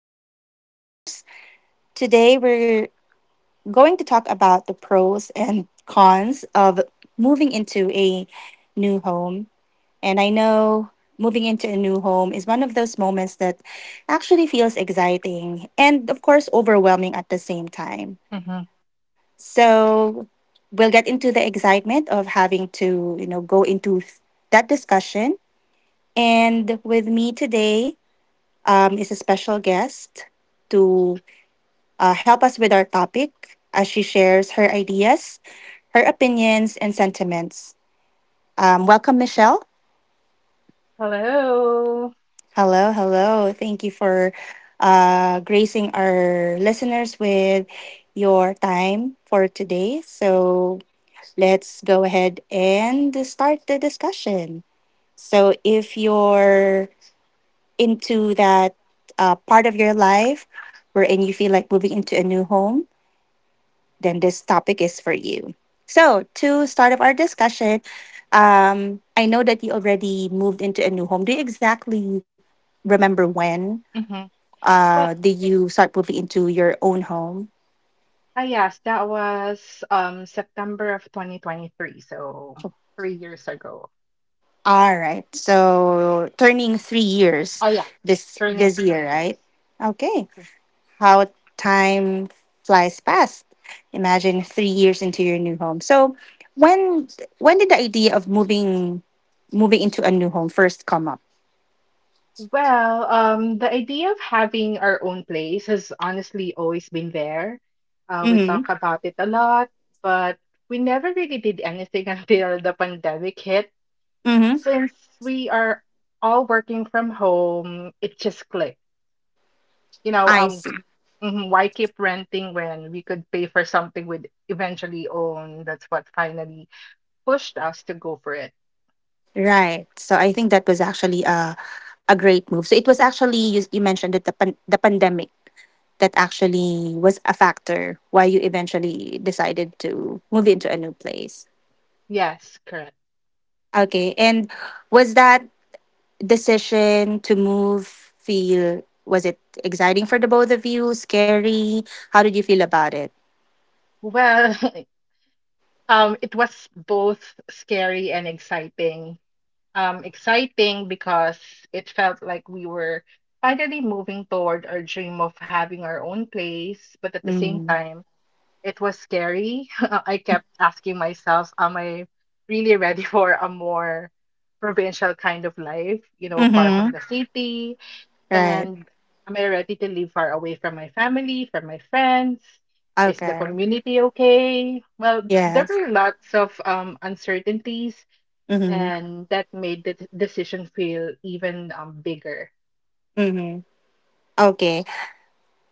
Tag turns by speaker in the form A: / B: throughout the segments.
A: all our listeners. Today we're going to talk about the pros and cons of moving into a new home. And I know moving into a new home is one of those moments that actually feels exciting and, of course, overwhelming at the same time.
B: hmm
A: So we'll get into the excitement of having to go into that discussion. And with me today is a special guest to help us with our topic as she shares her ideas, her opinions, and sentiments. Welcome, Michelle.
B: Hello.
A: Hello, hello. Thank you for gracing our listeners with your time for today. So let's go ahead and start the discussion. So, if you're into that part of your life wherein you feel like moving into a new home, then this topic is for you. So, to start up our discussion, I know that you already moved into a new home. Do you exactly remember when
B: hmm Well,
A: did you start moving into your own home?
B: yes, that was September of 2023, so 3 years ago.
A: All right. So, turning 3 years
B: Oh yeah,
A: this
B: turning
A: this
B: three
A: year,
B: years.
A: right? Okay.
B: Okay.
A: How time flies fast. Imagine 3 years into your new home. So, when when did the idea of moving into a new home first come up?
B: Well, the idea of having our own place has honestly always been there. We
A: Mm-hmm.
B: talk about it a lot, but we never really did anything until the pandemic hit.
A: Mm-hmm.
B: Since we are all working from home, it just clicked. You know,
A: I
B: um,
A: see.
B: Mhm. Why keep renting when we could pay for something we'd eventually own? That's what finally pushed us to go for it.
A: Right. So I think that was actually a great move. So it was actually you mentioned that the pandemic that actually was a factor why you eventually decided to move into a new place.
B: Yes, correct.
A: Okay. And was that decision to move feel was it exciting for the both of you? Scary? How did you feel about it?
B: Well, it was both scary and exciting. Exciting because it felt like we were finally moving toward our dream of having our own place, but at the same
A: Mm-hmm.
B: time, it was scary. I kept asking myself, am I really ready for a more provincial kind of life, far from
A: Mm-hmm.
B: the city?
A: Right.
B: And am I ready to live far away from my family, from my friends? Is the
A: Okay.
B: community okay? Well, there
A: Yes.
B: were lots of uncertainties,
A: Mm-hmm.
B: and that made the decision feel even bigger.
A: Mm-hmm. Okay.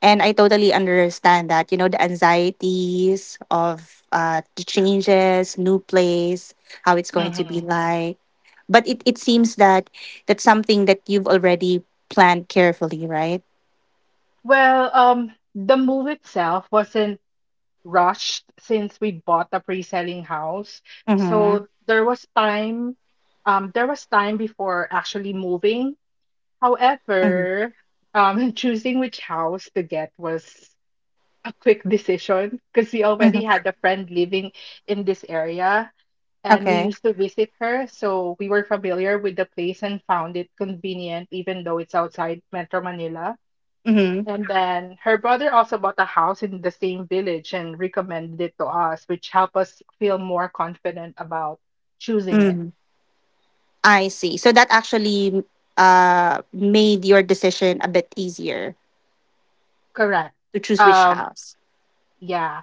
A: And I totally understand that the anxieties of the changes, new place, how it's going to be
B: hmm
A: like. But it seems that that's something that you've already planned carefully, right?
B: Well, the move itself wasn't rushed since we bought a pre-selling house.
A: Mm-hmm.
B: So there was time before actually moving.
A: Mm-hmm.
B: However, choosing which house to get was a quick decision because we
A: Mm-hmm.
B: already had a friend living in this area and we
A: Okay.
B: used to visit her. So we were familiar with the place and found it convenient, even though it's outside Metro Manila.
A: Mm-hmm.
B: And then her brother also bought a house in the same village and recommended it to us, which helped us feel more confident about choosing it.
A: Mm-hmm. I see. So that actually made your decision a bit easier
B: Correct.
A: to choose which
B: Um,
A: house.
B: yeah,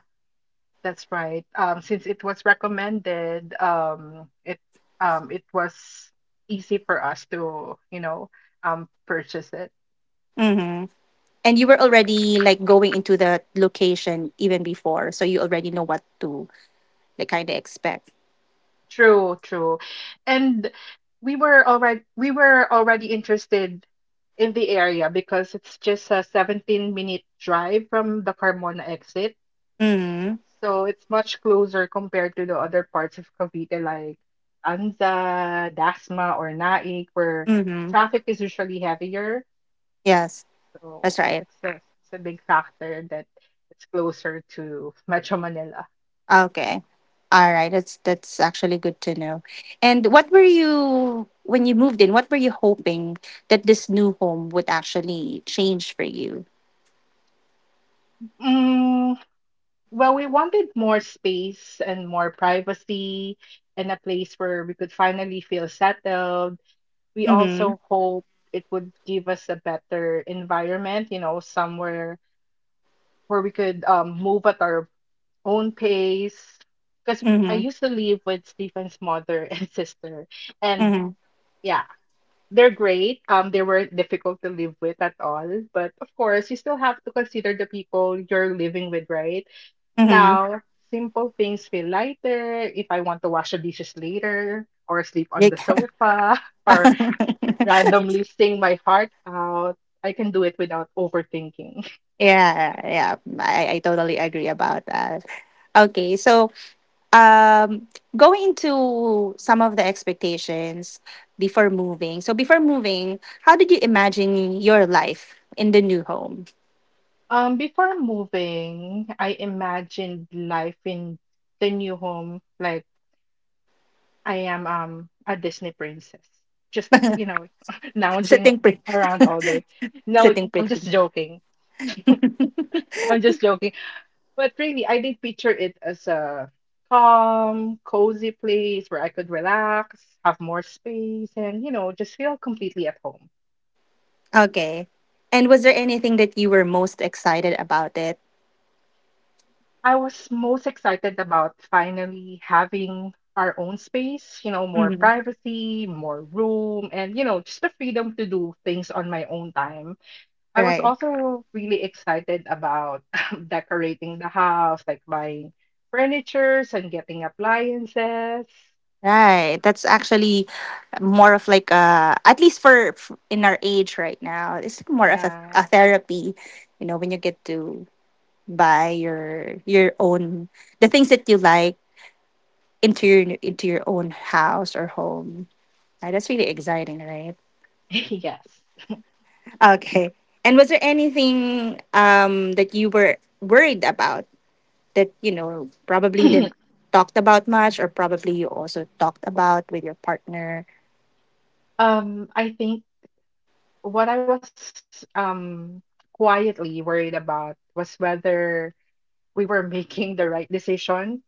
B: that's right. Since it was recommended, it was easy for us to purchase it.
A: Mm-hmm. And you were already like going into the location even before, so you already know what to they kind of expect.
B: True, true. And we were already interested in the area because it's just a 17-minute drive from the Carmona exit.
A: Mhm.
B: So it's much closer compared to the other parts of Cavite like Anza, Dasma, or Naik where
A: Mhm.
B: traffic is usually heavier.
A: Yes, that's
B: So
A: right.
B: it's a big factor that it's closer to Metro Manila.
A: Okay. All right. That's actually good to know. And what were you when you moved in? What were you hoping that this new home would actually change for you?
B: Mm, Well, we wanted more space and more privacy and a place where we could finally feel settled. We
A: Mhm.
B: also hope it would give us a better environment, somewhere where we could move at our own pace. Because I
A: Mhm.
B: used to live with Stephen's mother and sister, and
A: Mhm.
B: yeah, they're great. They weren't difficult to live with at all, but of course, you still have to consider the people you're living with, right?
A: Mhm.
B: Now, simple things feel lighter if I want to wash the dishes later or sleep on the
A: Like-
B: sofa or randomly sing my heart out. I can do it without overthinking.
A: yeah, yeah. I totally agree about that. Okay, so um going into some of the expectations before moving, so before moving how did you imagine your life in the new home?
B: Before moving, I imagined life in the new home like I am a Disney princess. Just, lounging
A: Sitting pretty.
B: around all day. No,
A: Sitting
B: I'm just
A: pretty.
B: joking. I'm just joking. But really, I did picture it as a calm, cozy place where I could relax, have more space, and, just feel completely at home.
A: Okay, and was there anything that you were most excited about it?
B: I was most excited about finally having our own space, more
A: Mhm.
B: privacy, more room, and, just the freedom to do things on my own time. I was
A: Right,
B: also really excited about decorating the house, like buying furnitures and getting appliances.
A: right, that's actually more of like a, at least in our age right now, it's more of a
B: Yeah.
A: therapy, you know, when you get to buy your own, the things that you like, into your own house or home. Like, that's really exciting, right?
B: Yes.
A: Okay. And was there anything that you were worried about that probably didn't talked about much, or probably you also talked about with your partner?
B: I think what I was quietly worried about was whether we were making the right decision.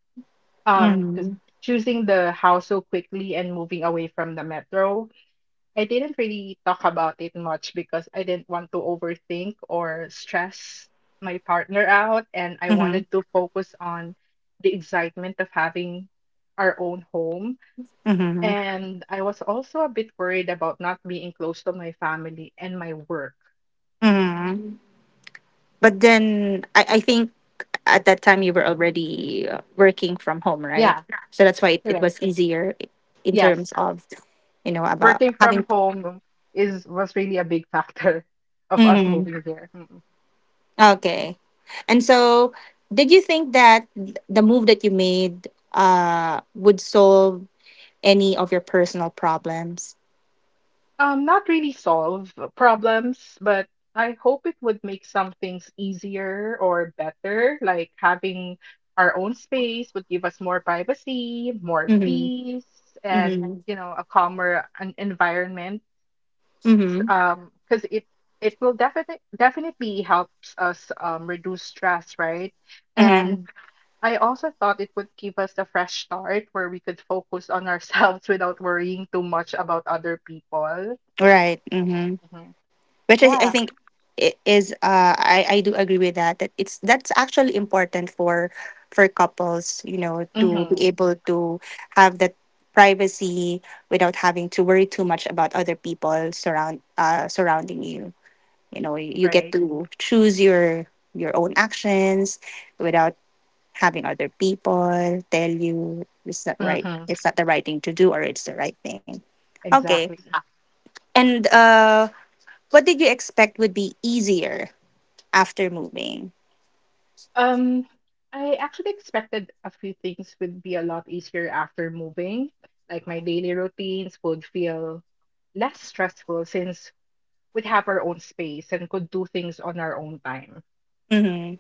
B: Because
A: Mm-hmm.
B: choosing the house so quickly and moving away from the metro, I didn't really talk about it much because I didn't want to overthink or stress my partner out, and I
A: Mm-hmm.
B: wanted to focus on the excitement of having our own home.
A: Mm-hmm.
B: And I was also a bit worried about not being close to my family and my work.
A: Mm-hmm. But then I think at that time you were already working from home, right?
B: Yeah,
A: So that's why it
B: correct.
A: was easier in
B: Yes.
A: terms of, you know, about
B: Working from
A: having.
B: home is was really a big factor of us
A: Mhm.
B: moving here. Mm.
A: Okay. And so did you think that the move that you made would solve any of your personal problems?
B: Not really solve problems, but I hope it would make some things easier or better, like having our own space would give us more privacy, more
A: Mm-hmm.
B: peace, and
A: Mm-hmm.
B: a calmer an environment.
A: Mm-hmm.
B: Because it will definitely helps us reduce stress, right?
A: Mm-hmm.
B: And I also thought it would give us a fresh start where we could focus on ourselves without worrying too much about other people.
A: Right. Mm-hmm.
B: Hmm.
A: Which I
B: Yeah.
A: think I do agree with that, that it's that's actually important for couples, you know, to
B: Mm-hmm.
A: be able to have that privacy, without having to worry too much about other people surrounding you. You know, you get
B: Right.
A: to choose your own actions without having other people tell you it's not right,
B: Mm-hmm.
A: it's not the right thing to do, or it's the right thing. Okay.
B: Exactly.
A: And what did you expect would be easier after moving?
B: Um, I actually expected a few things would be a lot easier after moving. Like my daily routines would feel less stressful since we'd have our own space and could do things on our own time.
A: Mm-hmm.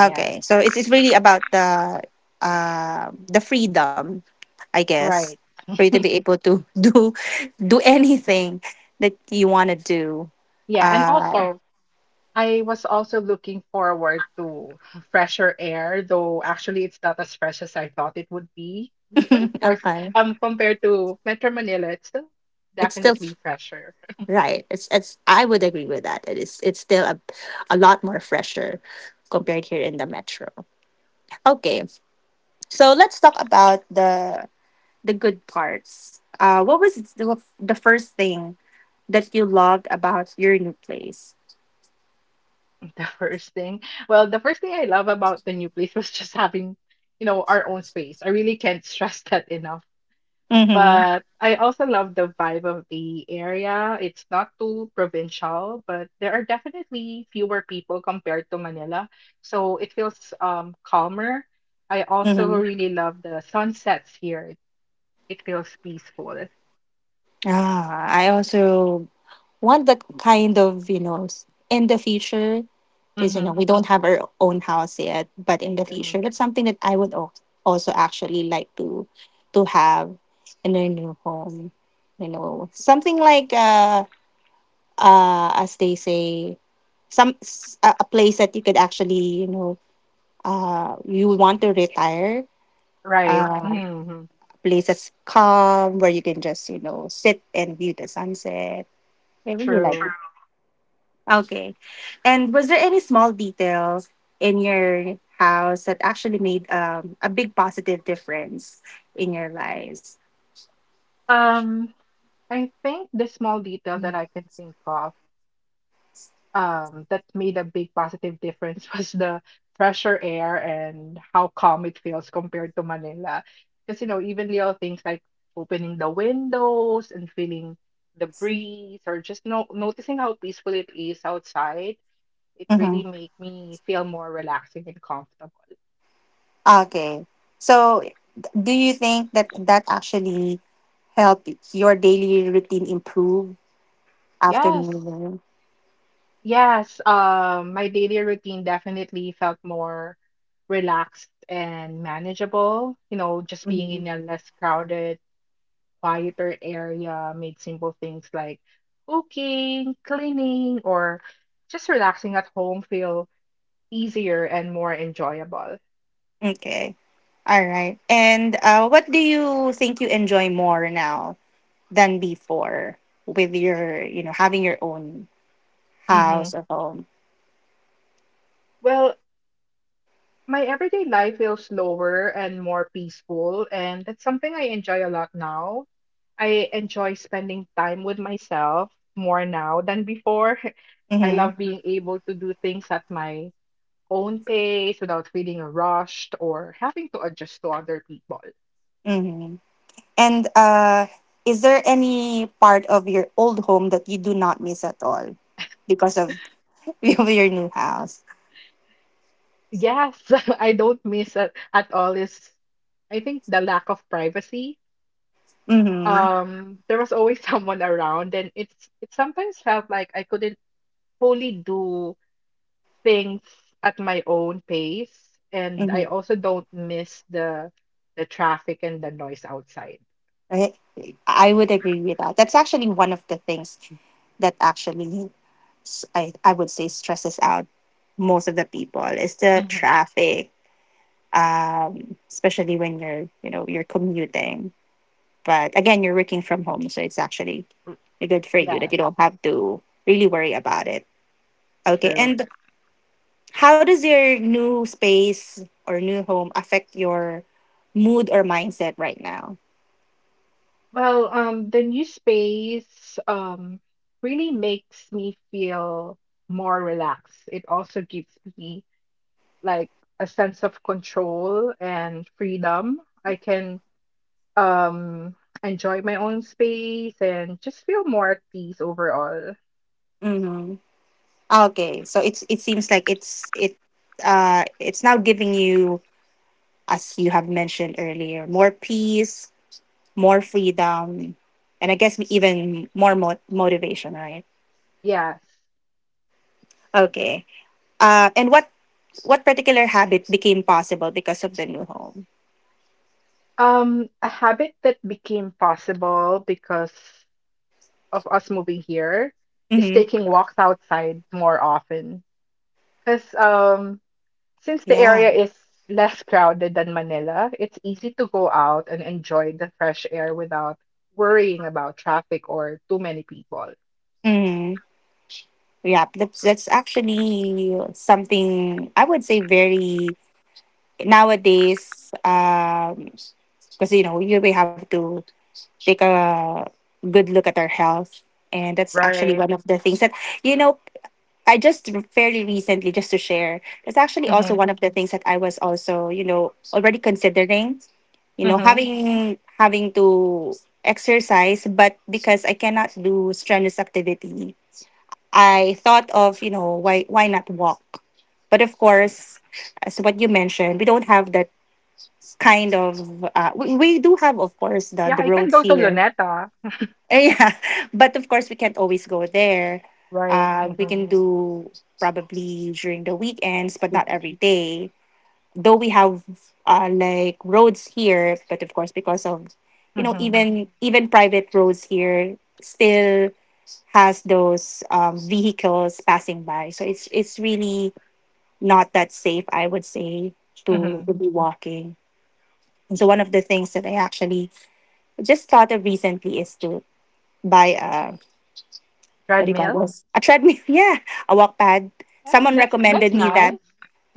B: Yeah,
A: so it's really about the freedom, I guess,
B: right.
A: for you to be able to do anything that you want to do.
B: Yeah, and
A: Uh,
B: also I was also looking forward to fresher air, though actually it's not as fresh as I thought it would be. But of course,
A: okay,
B: compared to Metro Manila, it's still
A: it's still f-
B: definitely fresher.
A: right. It's I would agree with that. It's still a lot more fresher compared here in the metro. Okay, so let's talk about the good parts. What was the first thing that you loved about your new place?
B: The first thing, the first thing I love about the new place was just having, our own space. I really can't stress that enough.
A: Mm-hmm.
B: But I also love the vibe of the area. It's not too provincial, but there are definitely fewer people compared to Manila. So it feels calmer. I
A: Mm-hmm.
B: also really love the sunsets here. It feels peaceful.
A: Ah, I also want that kind of, s- in the future, because,
B: Mm-hmm.
A: we don't have our own house yet, but in the future, that's something that I would also actually like to have in a new home. You know, something like, as they say, some s- a place that you could actually, you want to retire,
B: Right.
A: uh,
B: Hmm.
A: places calm where you can just, sit and view the sunset. I really like
B: True.
A: it. Okay. And was there any small details in your house that actually made a big positive difference in your lives?
B: Um, I think the small detail that I can think of that made a big positive difference was the fresher air and how calm it feels compared to Manila. Because, even little things like opening the windows and feeling the breeze or just no noticing how peaceful it is outside, it
A: Mm-hmm.
B: really made me feel more relaxing and comfortable.
A: Okay. So, th- do you think that that actually helped your daily routine improve after
B: Yes,
A: moving?
B: yes. My daily routine definitely felt more relaxed and manageable. Just
A: Mm-hmm.
B: being in a less crowded quieter area, made simple things like cooking, cleaning, or just relaxing at home feel easier and more enjoyable.
A: Okay. All right. And what do you think you enjoy more now than before with your having your own
B: hmm
A: house or home?
B: Well, my everyday life feels slower and more peaceful, and that's something I enjoy a lot now. I enjoy spending time with myself more now than before. I
A: Mm-hmm.
B: love being able to do things at my own pace without feeling rushed or having to adjust to other people.
A: Mm-hmm. And is there any part of your old home that you do not miss at all because of, of your new house?
B: Yes, I don't miss it at all is I think the lack of privacy.
A: Mm-hmm.
B: There was always someone around and it sometimes felt like I couldn't fully do things at my own pace and I
A: Mm-hmm.
B: also don't miss the traffic and the noise outside.
A: I I would agree with that. That's actually one of the things that actually I would say stresses out most of the people is the
B: Mhm.
A: traffic, especially when you're commuting. But again, you're working from home, so it's actually
B: Mm,
A: good for you that
B: yes,
A: you don't have to really worry about it. Okay.
B: true.
A: And how does your new space or new home affect your mood or mindset right now?
B: Well, the new space really makes me feel more relaxed. It also gives me like a sense of control and freedom. I can um enjoy my own space and just feel more at peace overall.
A: Mm-hmm. Okay, so it seems like it's now giving you, as you have mentioned earlier, more peace, more freedom, and I guess even more motivation, right?
B: Yes.
A: Okay. And what particular habit became possible because of the new home?
B: A habit that became possible because of us moving here is
A: Mm-hmm.
B: taking walks outside more often. Because since the
A: Yeah.
B: area is less crowded than Manila, it's easy to go out and enjoy the fresh air without worrying about traffic or too many people.
A: Mm-hmm. Yeah. That's actually something I would say very nowadays. Because, you know you we have to take a good look at our health, and that's actually
B: Right.
A: one of the things that you know I just fairly recently, just to share, that's actually also
B: Mm-hmm.
A: one of the things that I was also, already considering,
B: Mm-hmm.
A: having to exercise, but because I cannot do strenuous activity, I thought of, why not walk? But of
B: Yeah.
A: course, as what you mentioned, we don't have that kind of. We, do have, of course, the
B: Yeah,
A: the
B: I can
A: roads
B: go to
A: here.
B: Luneta.
A: Yeah, but of course we can't always go there.
B: Right.
A: We can
B: Mm-hmm.
A: do probably during the weekends, but not every day. Though we have like, roads here, but of course because of,
B: Mm-hmm.
A: even private roads here still has those, vehicles passing by. So it's really not that safe, I would say, to
B: Mm-hmm.
A: to be walking. And so one of the things that I actually just thought of recently is to buy a, what do you call
B: Treadmill.
A: those? A treadmill. Yeah, a walk pad.
B: Yeah,
A: Someone
B: that's
A: recommended me that.
B: nice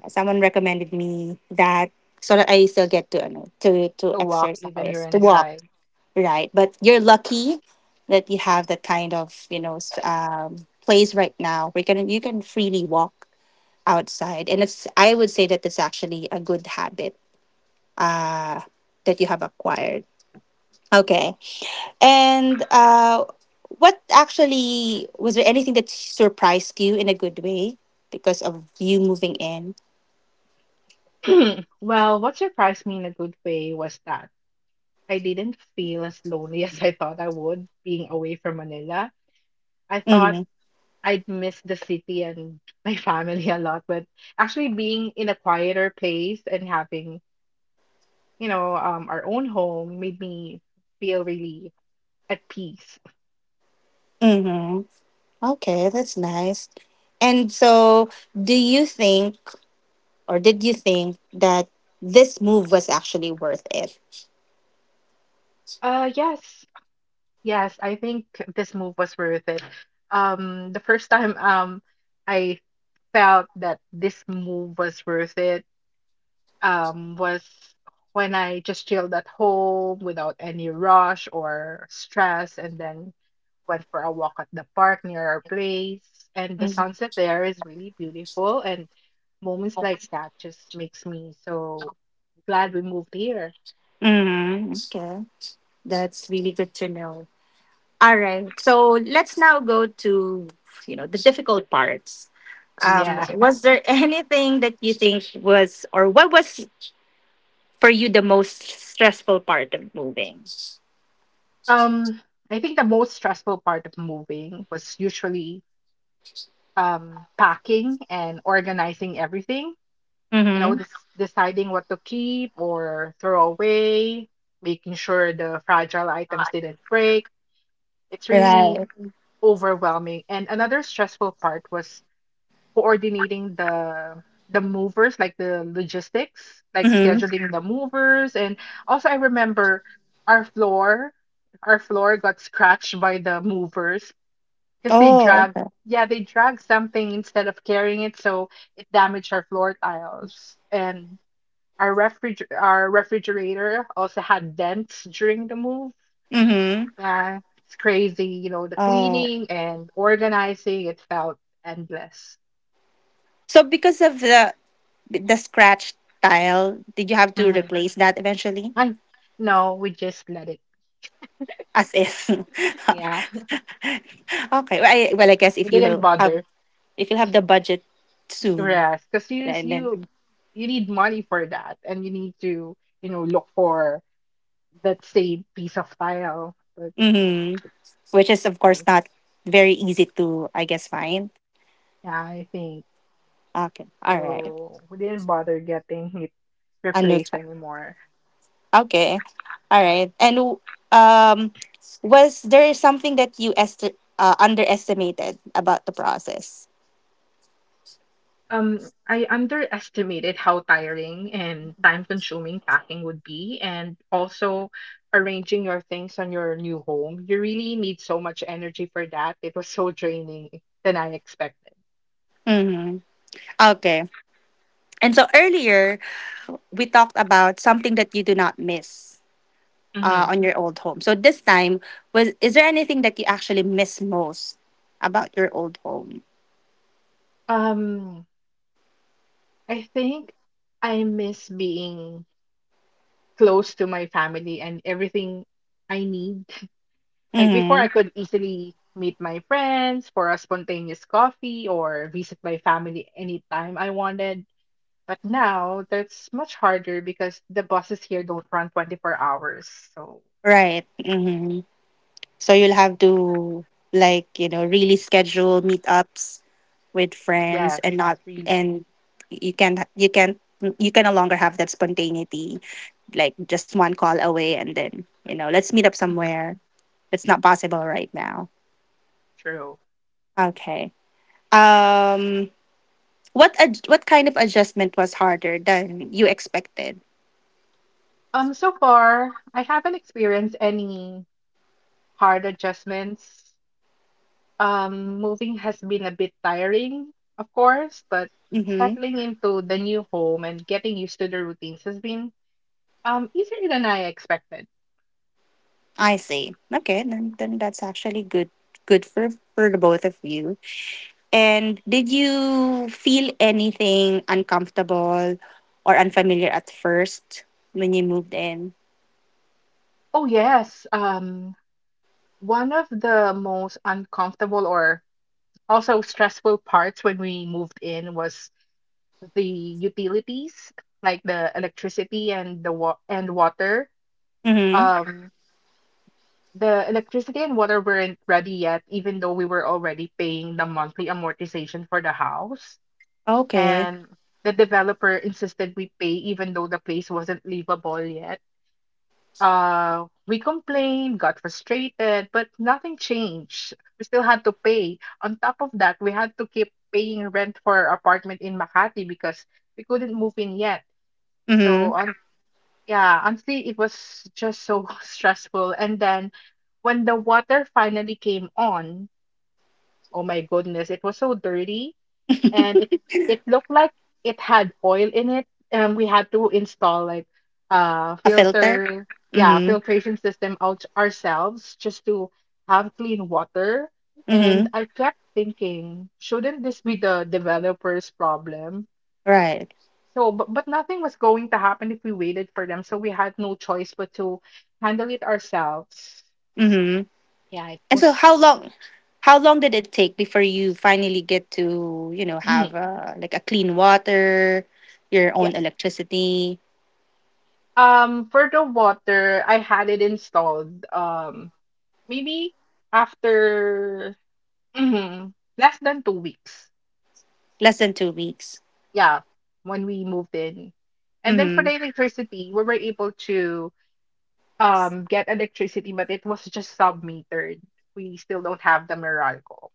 A: Someone recommended me that, so that I still get to to
B: to walk
A: exercise,
B: even you're
A: to walk,
B: inside.
A: right? But you're lucky that you have that kind of, place right now where you can, freely walk outside, and it's I would say that it's actually a good habit that you have acquired. Okay. And what actually was there anything that surprised you in a good way because of you moving in?
B: Well, what surprised me in a good way was that I didn't feel as lonely as I thought I would being away from Manila. I thought
A: Mm-hmm.
B: I'd miss the city and my family a lot, but actually being in a quieter place and having, our own home made me feel really at peace.
A: Mm-hmm. Okay, that's nice. And so, do you think, or did you think that this move was actually worth it?
B: Yes. Yes, I think this move was worth it. The first time I felt that this move was worth it was when I just chilled at home without any rush or stress and then went for a walk at the park near our place and the
A: Mm-hmm.
B: sunset there is really beautiful and moments like that just makes me so glad we moved here.
A: Mm-hmm. Okay, that's really good to know. All right, so let's now go to the difficult parts.
B: Yeah.
A: Was there anything that you think was, or what was for you the most stressful part of moving?
B: Um, I think the most stressful part of moving was usually packing and organizing everything. You know,
A: Mm-hmm.
B: this, deciding what to keep or throw away, making sure the fragile items didn't break. It's really
A: Right.
B: overwhelming. And another stressful part was coordinating the movers, like the logistics, like
A: Mm-hmm.
B: scheduling the movers. And also, I remember our floor our floor got scratched by the movers. Because they
A: Oh,
B: drag,
A: okay.
B: yeah, they drag something instead of carrying it, so it damaged our floor tiles. And our refrig our refrigerator also had dents during the move.
A: Mm-hmm.
B: Yeah, it's crazy, the
A: Oh.
B: cleaning and organizing, it felt endless.
A: So because of the scratch tile, did you have to
B: Mm-hmm.
A: replace that eventually?
B: And no, we just let it.
A: As if. Okay.
B: Yeah,
A: Well, I guess
B: we
A: if
B: didn't
A: you have
B: bother.
A: the budget soon,
B: Yes, because you s-
A: and
B: you
A: then
B: you need money for that, and you need to, look for that same piece of tile. But
A: hmm which is of course
B: no.
A: not very easy to, I guess, find.
B: Yeah, I think
A: Okay. All right.
B: so. We didn't bother getting it
A: Anu
B: replaced anymore.
A: Okay. All right. And um, was there something that you est underestimated about the process?
B: I underestimated how tiring and time-consuming packing would be, and also arranging your things on your new home. You really need so much energy for that. It was so draining than I expected.
A: Mm-hmm. Okay. And so earlier, we talked about something that you do not miss
B: hmm
A: on your old home. So this time, was is there anything that you actually miss most about your old home?
B: Um, I think I miss being close to my family and everything I need. Like before,
A: Mm-hmm.
B: I could easily meet my friends for a spontaneous coffee or visit my family anytime I wanted. But now that's much harder because the buses here don't run 24 hours. So,
A: Right. Mm-hmm. So you'll have to, like, really schedule meetups with friends
B: yes,
A: and not.
B: really.
A: And you can you can you can no longer have that spontaneity, like, just one call away and then, let's meet up
B: Mhm.
A: somewhere. It's not possible right now.
B: True.
A: Okay. um what kind of adjustment was harder than you expected?
B: So far, I haven't experienced any hard adjustments. Moving has been a bit tiring, of course, but
A: Hmm.
B: settling into the new home and getting used to the routines has been, easier than I expected.
A: I see. Okay, then that's actually Good for the both of you. And did you feel anything uncomfortable or unfamiliar at first when you moved in?
B: Oh, yes. One of the most uncomfortable or also stressful parts when we moved in was the utilities, like the electricity and the wa and water.
A: Mm-hmm.
B: Um, the electricity and water weren't ready yet, even though we were already paying the monthly amortization for the house.
A: Okay.
B: And the developer insisted we pay even though the place wasn't livable yet. We complained, got frustrated, but nothing changed. We still had to pay. On top of that, we had to keep paying rent for our apartment in Makati because we couldn't move in yet. So,
A: Mm-hmm.
B: on, yeah, honestly, it was just so stressful. And then when the water finally came on, oh my goodness, it was so dirty and it looked like it had oil in it. We had to install like
A: A filter?
B: filter, yeah,
A: Mm-hmm.
B: filtration system out ourselves just to have clean water.
A: Mm-hmm.
B: And I kept thinking, shouldn't this be the developer's problem?
A: Right.
B: But nothing was going to happen if we waited for them. So we had no choice but to handle it ourselves.
A: Mm-hmm.
B: Yeah, it
A: And so how
B: was,
A: long how long did it take before you finally get to,
B: yeah.
A: have, like, a clean water, your own electricity?
B: For the water, I had it installed. Maybe after mhm, less than 2 weeks.
A: Less than 2 weeks.
B: Yeah, when we moved in. And then for
A: Mm-hmm.
B: the electricity, we were able to get electricity, but it was just sub-metered. We still don't have the Meralco.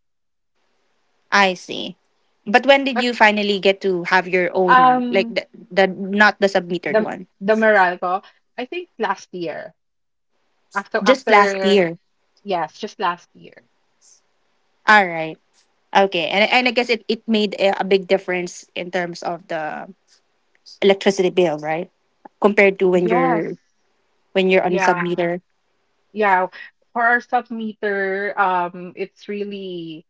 A: I see. But when did
B: But
A: you finally get to have your own, like,
B: um
A: the not the submetered
B: the
A: one?
B: the Meralco, I think last year. After
A: Just last
B: after
A: year.
B: yes, just last year.
A: All right. Okay. And I guess it made a big difference in terms of the electricity bill, right? Compared to
B: Yes.
A: when you're on
B: Yeah.
A: submeter.
B: Yeah. For our sub-meter, it's really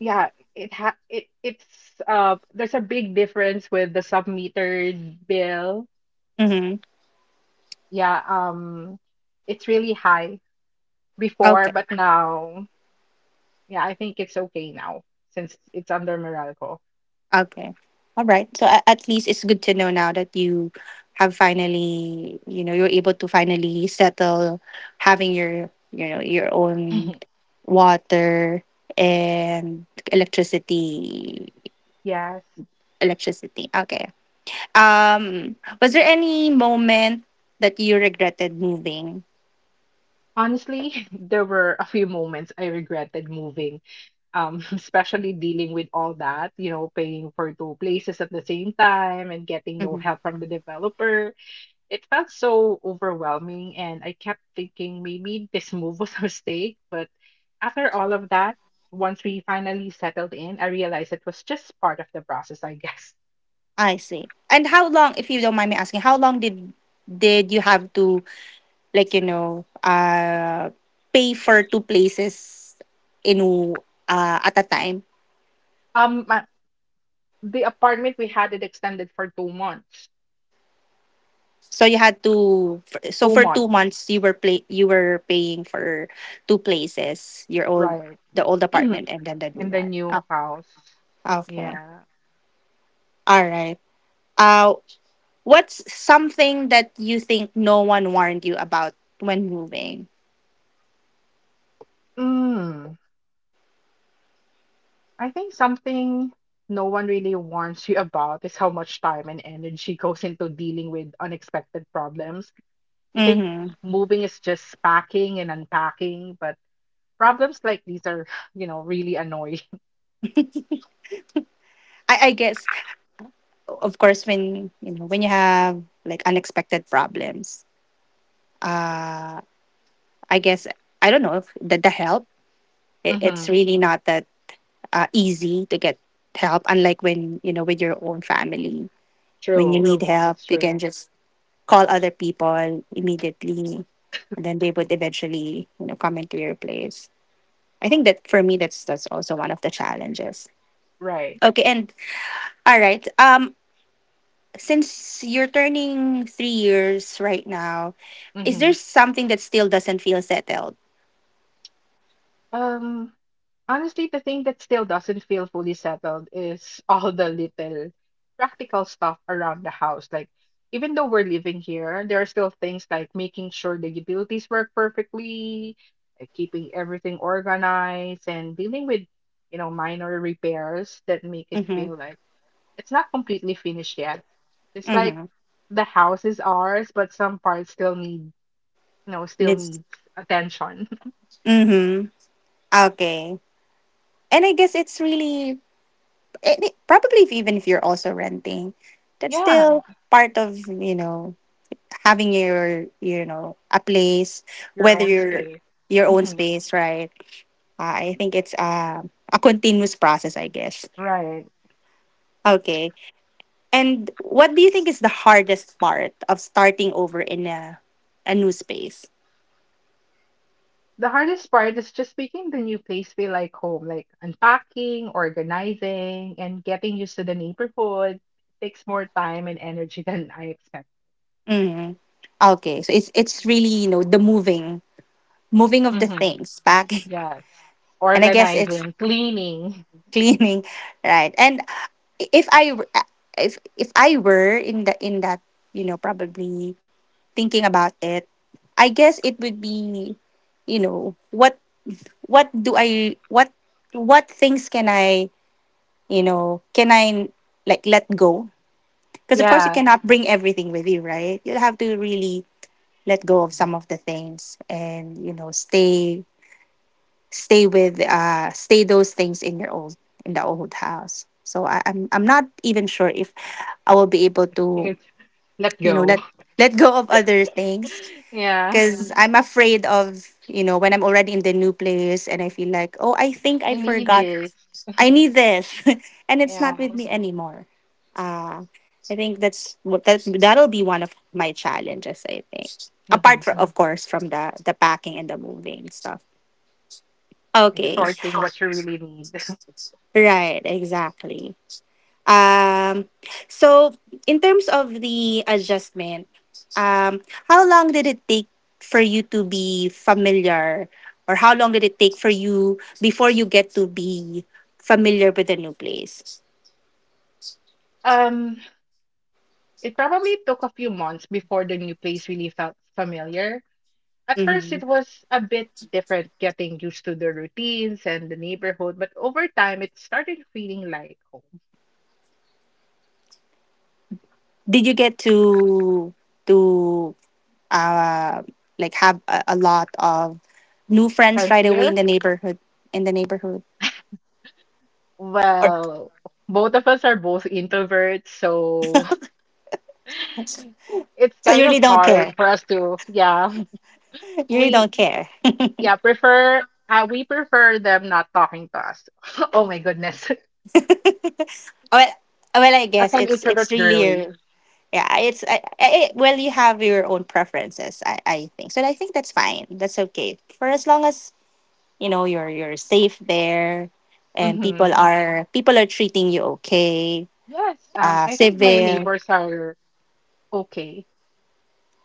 B: Yeah, it ha it it's there's a big difference with the sub-metered bill.
A: Mm-hmm.
B: Yeah, um it's really high before,
A: Okay.
B: but now yeah, I think it's okay now since it's under Meralco.
A: Okay. All right. So at least it's good to know now that you have finally, you're able to finally settle having your, your own water and electricity
B: Yes.
A: electricity. Okay. Um was there any moment that you regretted moving?
B: Honestly, there were a few moments I regretted moving, especially dealing with all that, you know, paying for two places at the same time and getting no
A: Mhm.
B: help from the developer. It felt so overwhelming, and I kept thinking maybe this move was a mistake. But after all of that, once we finally settled in, I realized it was just part of the process, I guess.
A: I see. And how long, if you don't mind me asking, how long did you have to, like, pay for two places in w- at a time?
B: Um, my, the apartment we had it extended for 2 months.
A: So you had to
B: Two
A: for two
B: months,
A: months you were paying for two places, your
B: right?
A: old apartment
B: In
A: and then the new
B: the
A: one.
B: new
A: Oh,
B: house.
A: okay.
B: Yeah.
A: All right. uh what's something that you think no one warned you about when moving?
B: Mm, I think something no one really warns you about is how much time and energy goes into dealing with unexpected problems. I think
A: Mm-hmm.
B: moving is just packing and unpacking, but problems like these are, you know, really annoying.
A: I, guess of course when, when you have, like, unexpected problems, uh I guess I don't know if the, help. It, it's
B: hmm
A: really not that, easy to get help. Unlike when, with your own family, when you
B: True.
A: need help,
B: That's
A: you can
B: true.
A: just call other people immediately, and then they would eventually, come into your place. I think that, for me, that's also one of the challenges.
B: Right.
A: Okay, and all right. Since you're turning 3 years right now, is there
B: hmm
A: something that still doesn't feel settled?
B: Um, Honestly, the thing that still doesn't feel fully settled is all the little practical stuff around the house. Like, even though we're living here, there are still things like making sure the utilities work perfectly, keeping everything organized, and dealing with, you know, minor repairs that make it
A: Mm-hmm.
B: feel like it's not completely finished yet. It's like
A: Mm-hmm.
B: the house is ours, but some parts still need, you know, still
A: It's,
B: needs attention.
A: mm-hmm. Okay. And I guess it's really. And it, probably if, Even if you're also renting, that's
B: Yeah,
A: still part of, having your, a place,
B: your
A: whether
B: own
A: you're
B: space.
A: your own
B: Hmm.
A: space, right? I think it's, a continuous process, I guess.
B: Right.
A: Okay. And what do you think is the hardest part of starting over in a new space?
B: The hardest part is just making the new place feel like home, like unpacking, organizing, and getting used to the neighborhood takes more time and energy than I expect.
A: Hmm. Okay. So it's really, the moving, of the
B: Hmm.
A: things back.
B: Yes.
A: And I guess it's
B: Organizing, cleaning.
A: cleaning, right? And if i if I were in the in that, probably thinking about it, I guess it would be, you know what what do i what what things can I you know can I, like, let go, because of course you
B: Yeah,
A: cannot bring everything with you, right? You have to really let go of some of the things, and stay, stay with stay those things in your old in the old house. So I'm not even sure if I will be able to,
B: it's let
A: you know
B: go.
A: let let go of other things,
B: Yeah,
A: because I'm afraid of, when I'm already in the new place and I feel like, oh, I think I
B: I need
A: forgot,
B: this.
A: I need this, and it's not with
B: Yeah.
A: me anymore. uh I think that's what that that'll be one of my challenges, I think,
B: Hmm.
A: apart from, of course, from the packing and the moving stuff.
B: Like
A: Okay.
B: sorting what you really need.
A: Right, exactly. Um, so in terms of the adjustment, um, how long did it take for you to be familiar, or how long did it take for you before you get to be familiar with the new place?
B: Um, it probably took a few months before the new place really felt familiar. At first,
A: Mm-hmm.
B: it was a bit different getting used to the routines and the neighborhood, but over time, it started feeling like home.
A: Did you get to uh, like, have a lot of new friends
B: And
A: right away in
B: here,
A: the neighborhood? In the neighborhood, or
B: well, both of us are both introverts, so it's
A: so you
B: kind of
A: really don't
B: hard
A: care.
B: for us to, yeah,
A: You really
B: we,
A: don't care.
B: we prefer them not talking to us. Oh my goodness.
A: Well, well, I
B: As
A: guess
B: an
A: it's
B: introvert
A: really
B: girly.
A: your yeah. It's, well, you have your own preferences. I think so. I think that's fine. That's okay for as long as, you're safe there, and people
B: Hmm.
A: are people are treating you okay.
B: Yes, I think my
A: Civil.
B: neighbors are okay.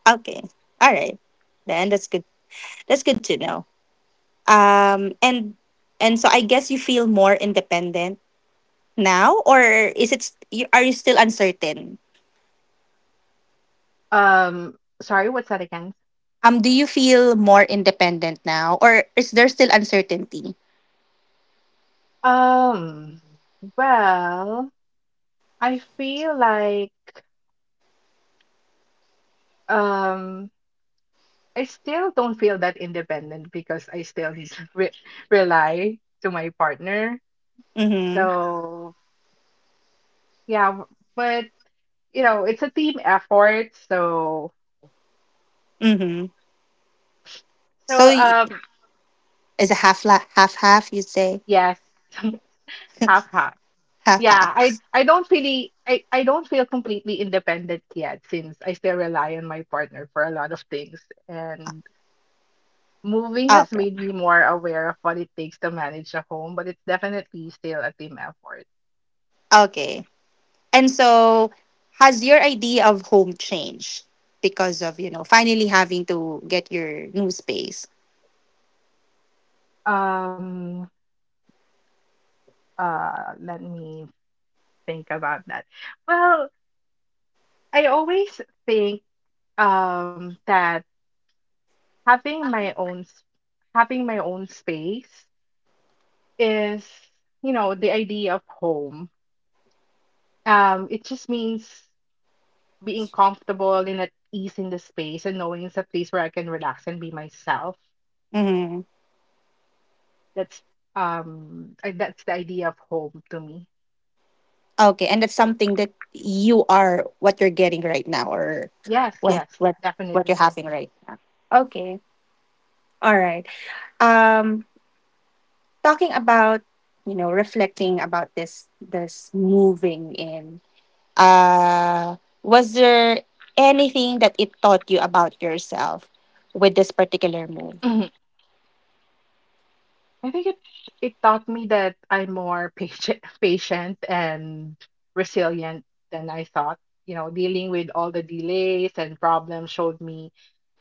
A: Okay. All right. Then that's good. That's good to know. And so I guess you feel more independent now, or is it? St- you Are you still uncertain?
B: Um, Sorry, what's that again?
A: Do you feel more independent now, or is there still uncertainty?
B: Um, well, I feel like um, I still don't feel that independent because I still re rely to my partner.
A: Mm-hmm.
B: So yeah, but you know, it's a team effort. So
A: Mm-hmm. So
B: so um,
A: is a half half? You say
B: yes, half half.
A: half
B: Yeah,
A: half.
B: I don't really I don't feel completely independent yet since I still rely on my partner for a lot of things. And moving has
A: Okay.
B: made me more aware of what it takes to manage a home, but it's definitely still a team effort.
A: Okay. And so, has your idea of home changed because of, finally having to get your new space?
B: Um, Let me think about that. Well, I always think that having my own s- having my own space is, you know, the idea of home. It just means being comfortable and at ease in the space and knowing it's a place where I can relax and be myself.
A: Mm-hmm.
B: That's that's the idea of home to me.
A: Okay, and that's something that you are what you're getting right now, or
B: Yes,
A: what
B: yes,
A: what what you're
B: definitely.
A: having right now. Okay, all right. Um, talking about, reflecting about this moving in, uh was there anything that it taught you about yourself with this particular move?
B: Mhm. I think it taught me that I'm more patient patient and resilient than I thought. You know, dealing with all the delays and problems showed me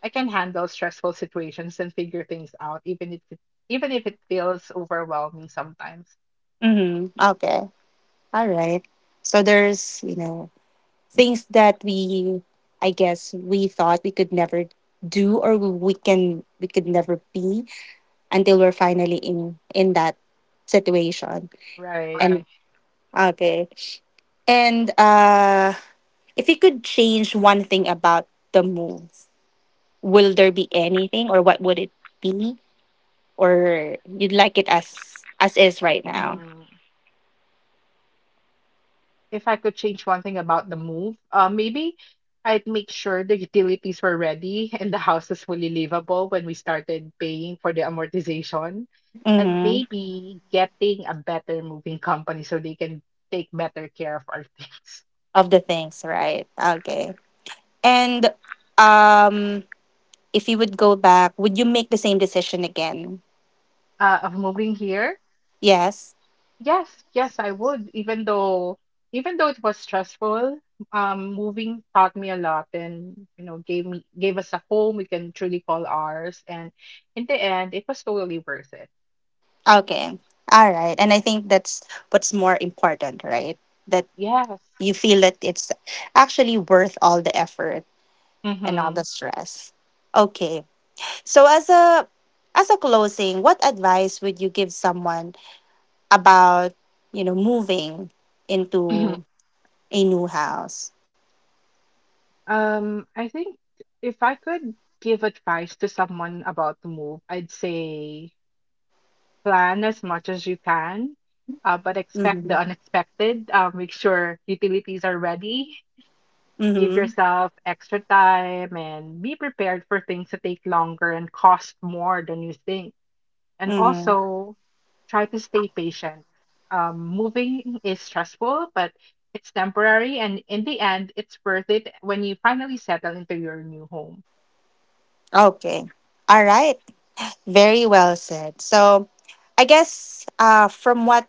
B: I can handle stressful situations and figure things out even if it feels overwhelming sometimes.
A: Mm-hmm. Okay. All right. So there's, things that we I guess we thought we could never do, or we could never be, until we're finally in that situation.
B: Right.
A: And okay and uh if you could change one thing about the move, will there be anything, or what would it be? Or you'd like it as is right now?
B: Mhm. If I could change one thing about the move, maybe I'd make sure the utilities were ready and the house was fully livable when we started paying for the amortization, and
A: Mm-hmm.
B: maybe getting a better moving company so they can take better care of our things.
A: Of the things, right? Okay. And, um if you would go back, would you make the same decision again?
B: Of moving here,
A: Yes.
B: yes, yes, I would. Even though it was stressful, moving taught me a lot, and you know, gave us a home we can truly call ours, and in the end, it was totally worth it.
A: Okay. All right. And I think that's what's more important, right? That
B: Yes.
A: you feel that it's actually worth all the effort and all
B: Mm-hmm.
A: the stress. Okay. So as a closing, what advice would you give someone about, moving
B: Hmm.
A: into a new house?
B: I think if I could give advice to someone about to move, I'd say plan as much as you can, but expect
A: Mhm.
B: the unexpected. Make sure utilities are ready. Give
A: Mhm.
B: yourself extra time and be prepared for things to take longer and cost more than you think. And
A: Mhm.
B: also try to stay patient. Moving is stressful, but it's temporary, and in the end, it's worth it when you finally settle into your new home
A: Okay. All right. Very well said. So, I guess, from what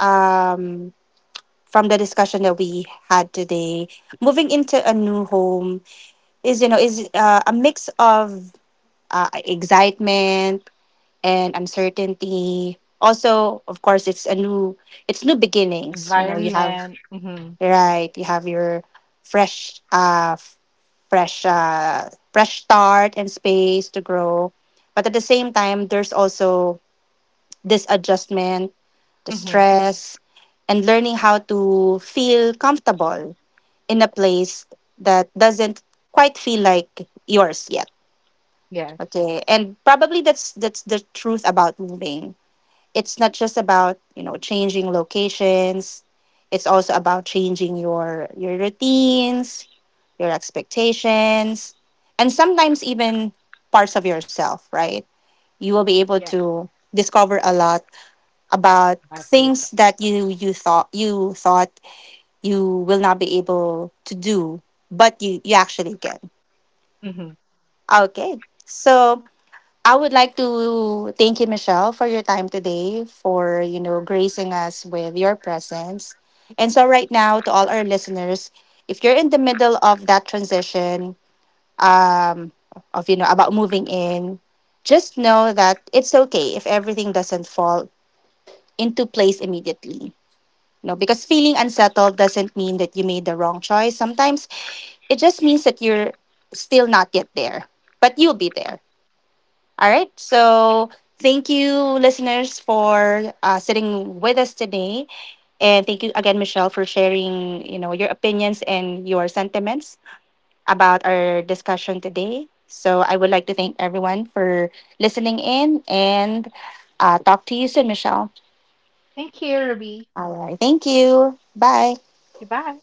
A: um from the discussion that we had today, moving into a new home is, a mix of, excitement and uncertainty. Also, of course, it's a new it's new beginnings. You know, you have,
B: environment. Hmm.
A: right? You have your fresh uh fresh start and space to grow. But at the same time, there's also this adjustment, the
B: Hmm.
A: stress, and learning how to feel comfortable in a place that doesn't quite feel like yours yet.
B: Yes,
A: Okay. And probably that's the truth about moving. It's not just about, changing locations. It's also about changing your routines, your expectations, and sometimes even parts of yourself, right? You will be able
B: yes,
A: to discover a lot about
B: about yourself.
A: things that you thought, you will not be able to do, but you actually can.
B: Hmm.
A: Okay. So I would like to thank you, Michelle, for your time today, for, gracing us with your presence. And so, right now, to all our listeners, if you're in the middle of that transition, um, of, about moving in, just know that it's okay if everything doesn't fall into place immediately. You know, because feeling unsettled doesn't mean that you made the wrong choice. Sometimes it just means that you're still not yet there, but you'll be there. All right. So thank you, listeners, for, sitting with us today, and thank you again, Michelle, for sharing, your opinions and your sentiments about our discussion today. So I would like to thank everyone for listening in, and, talk to you soon, Michelle.
B: Thank you, Ruby.
A: All right. Thank you. Bye.
B: Goodbye.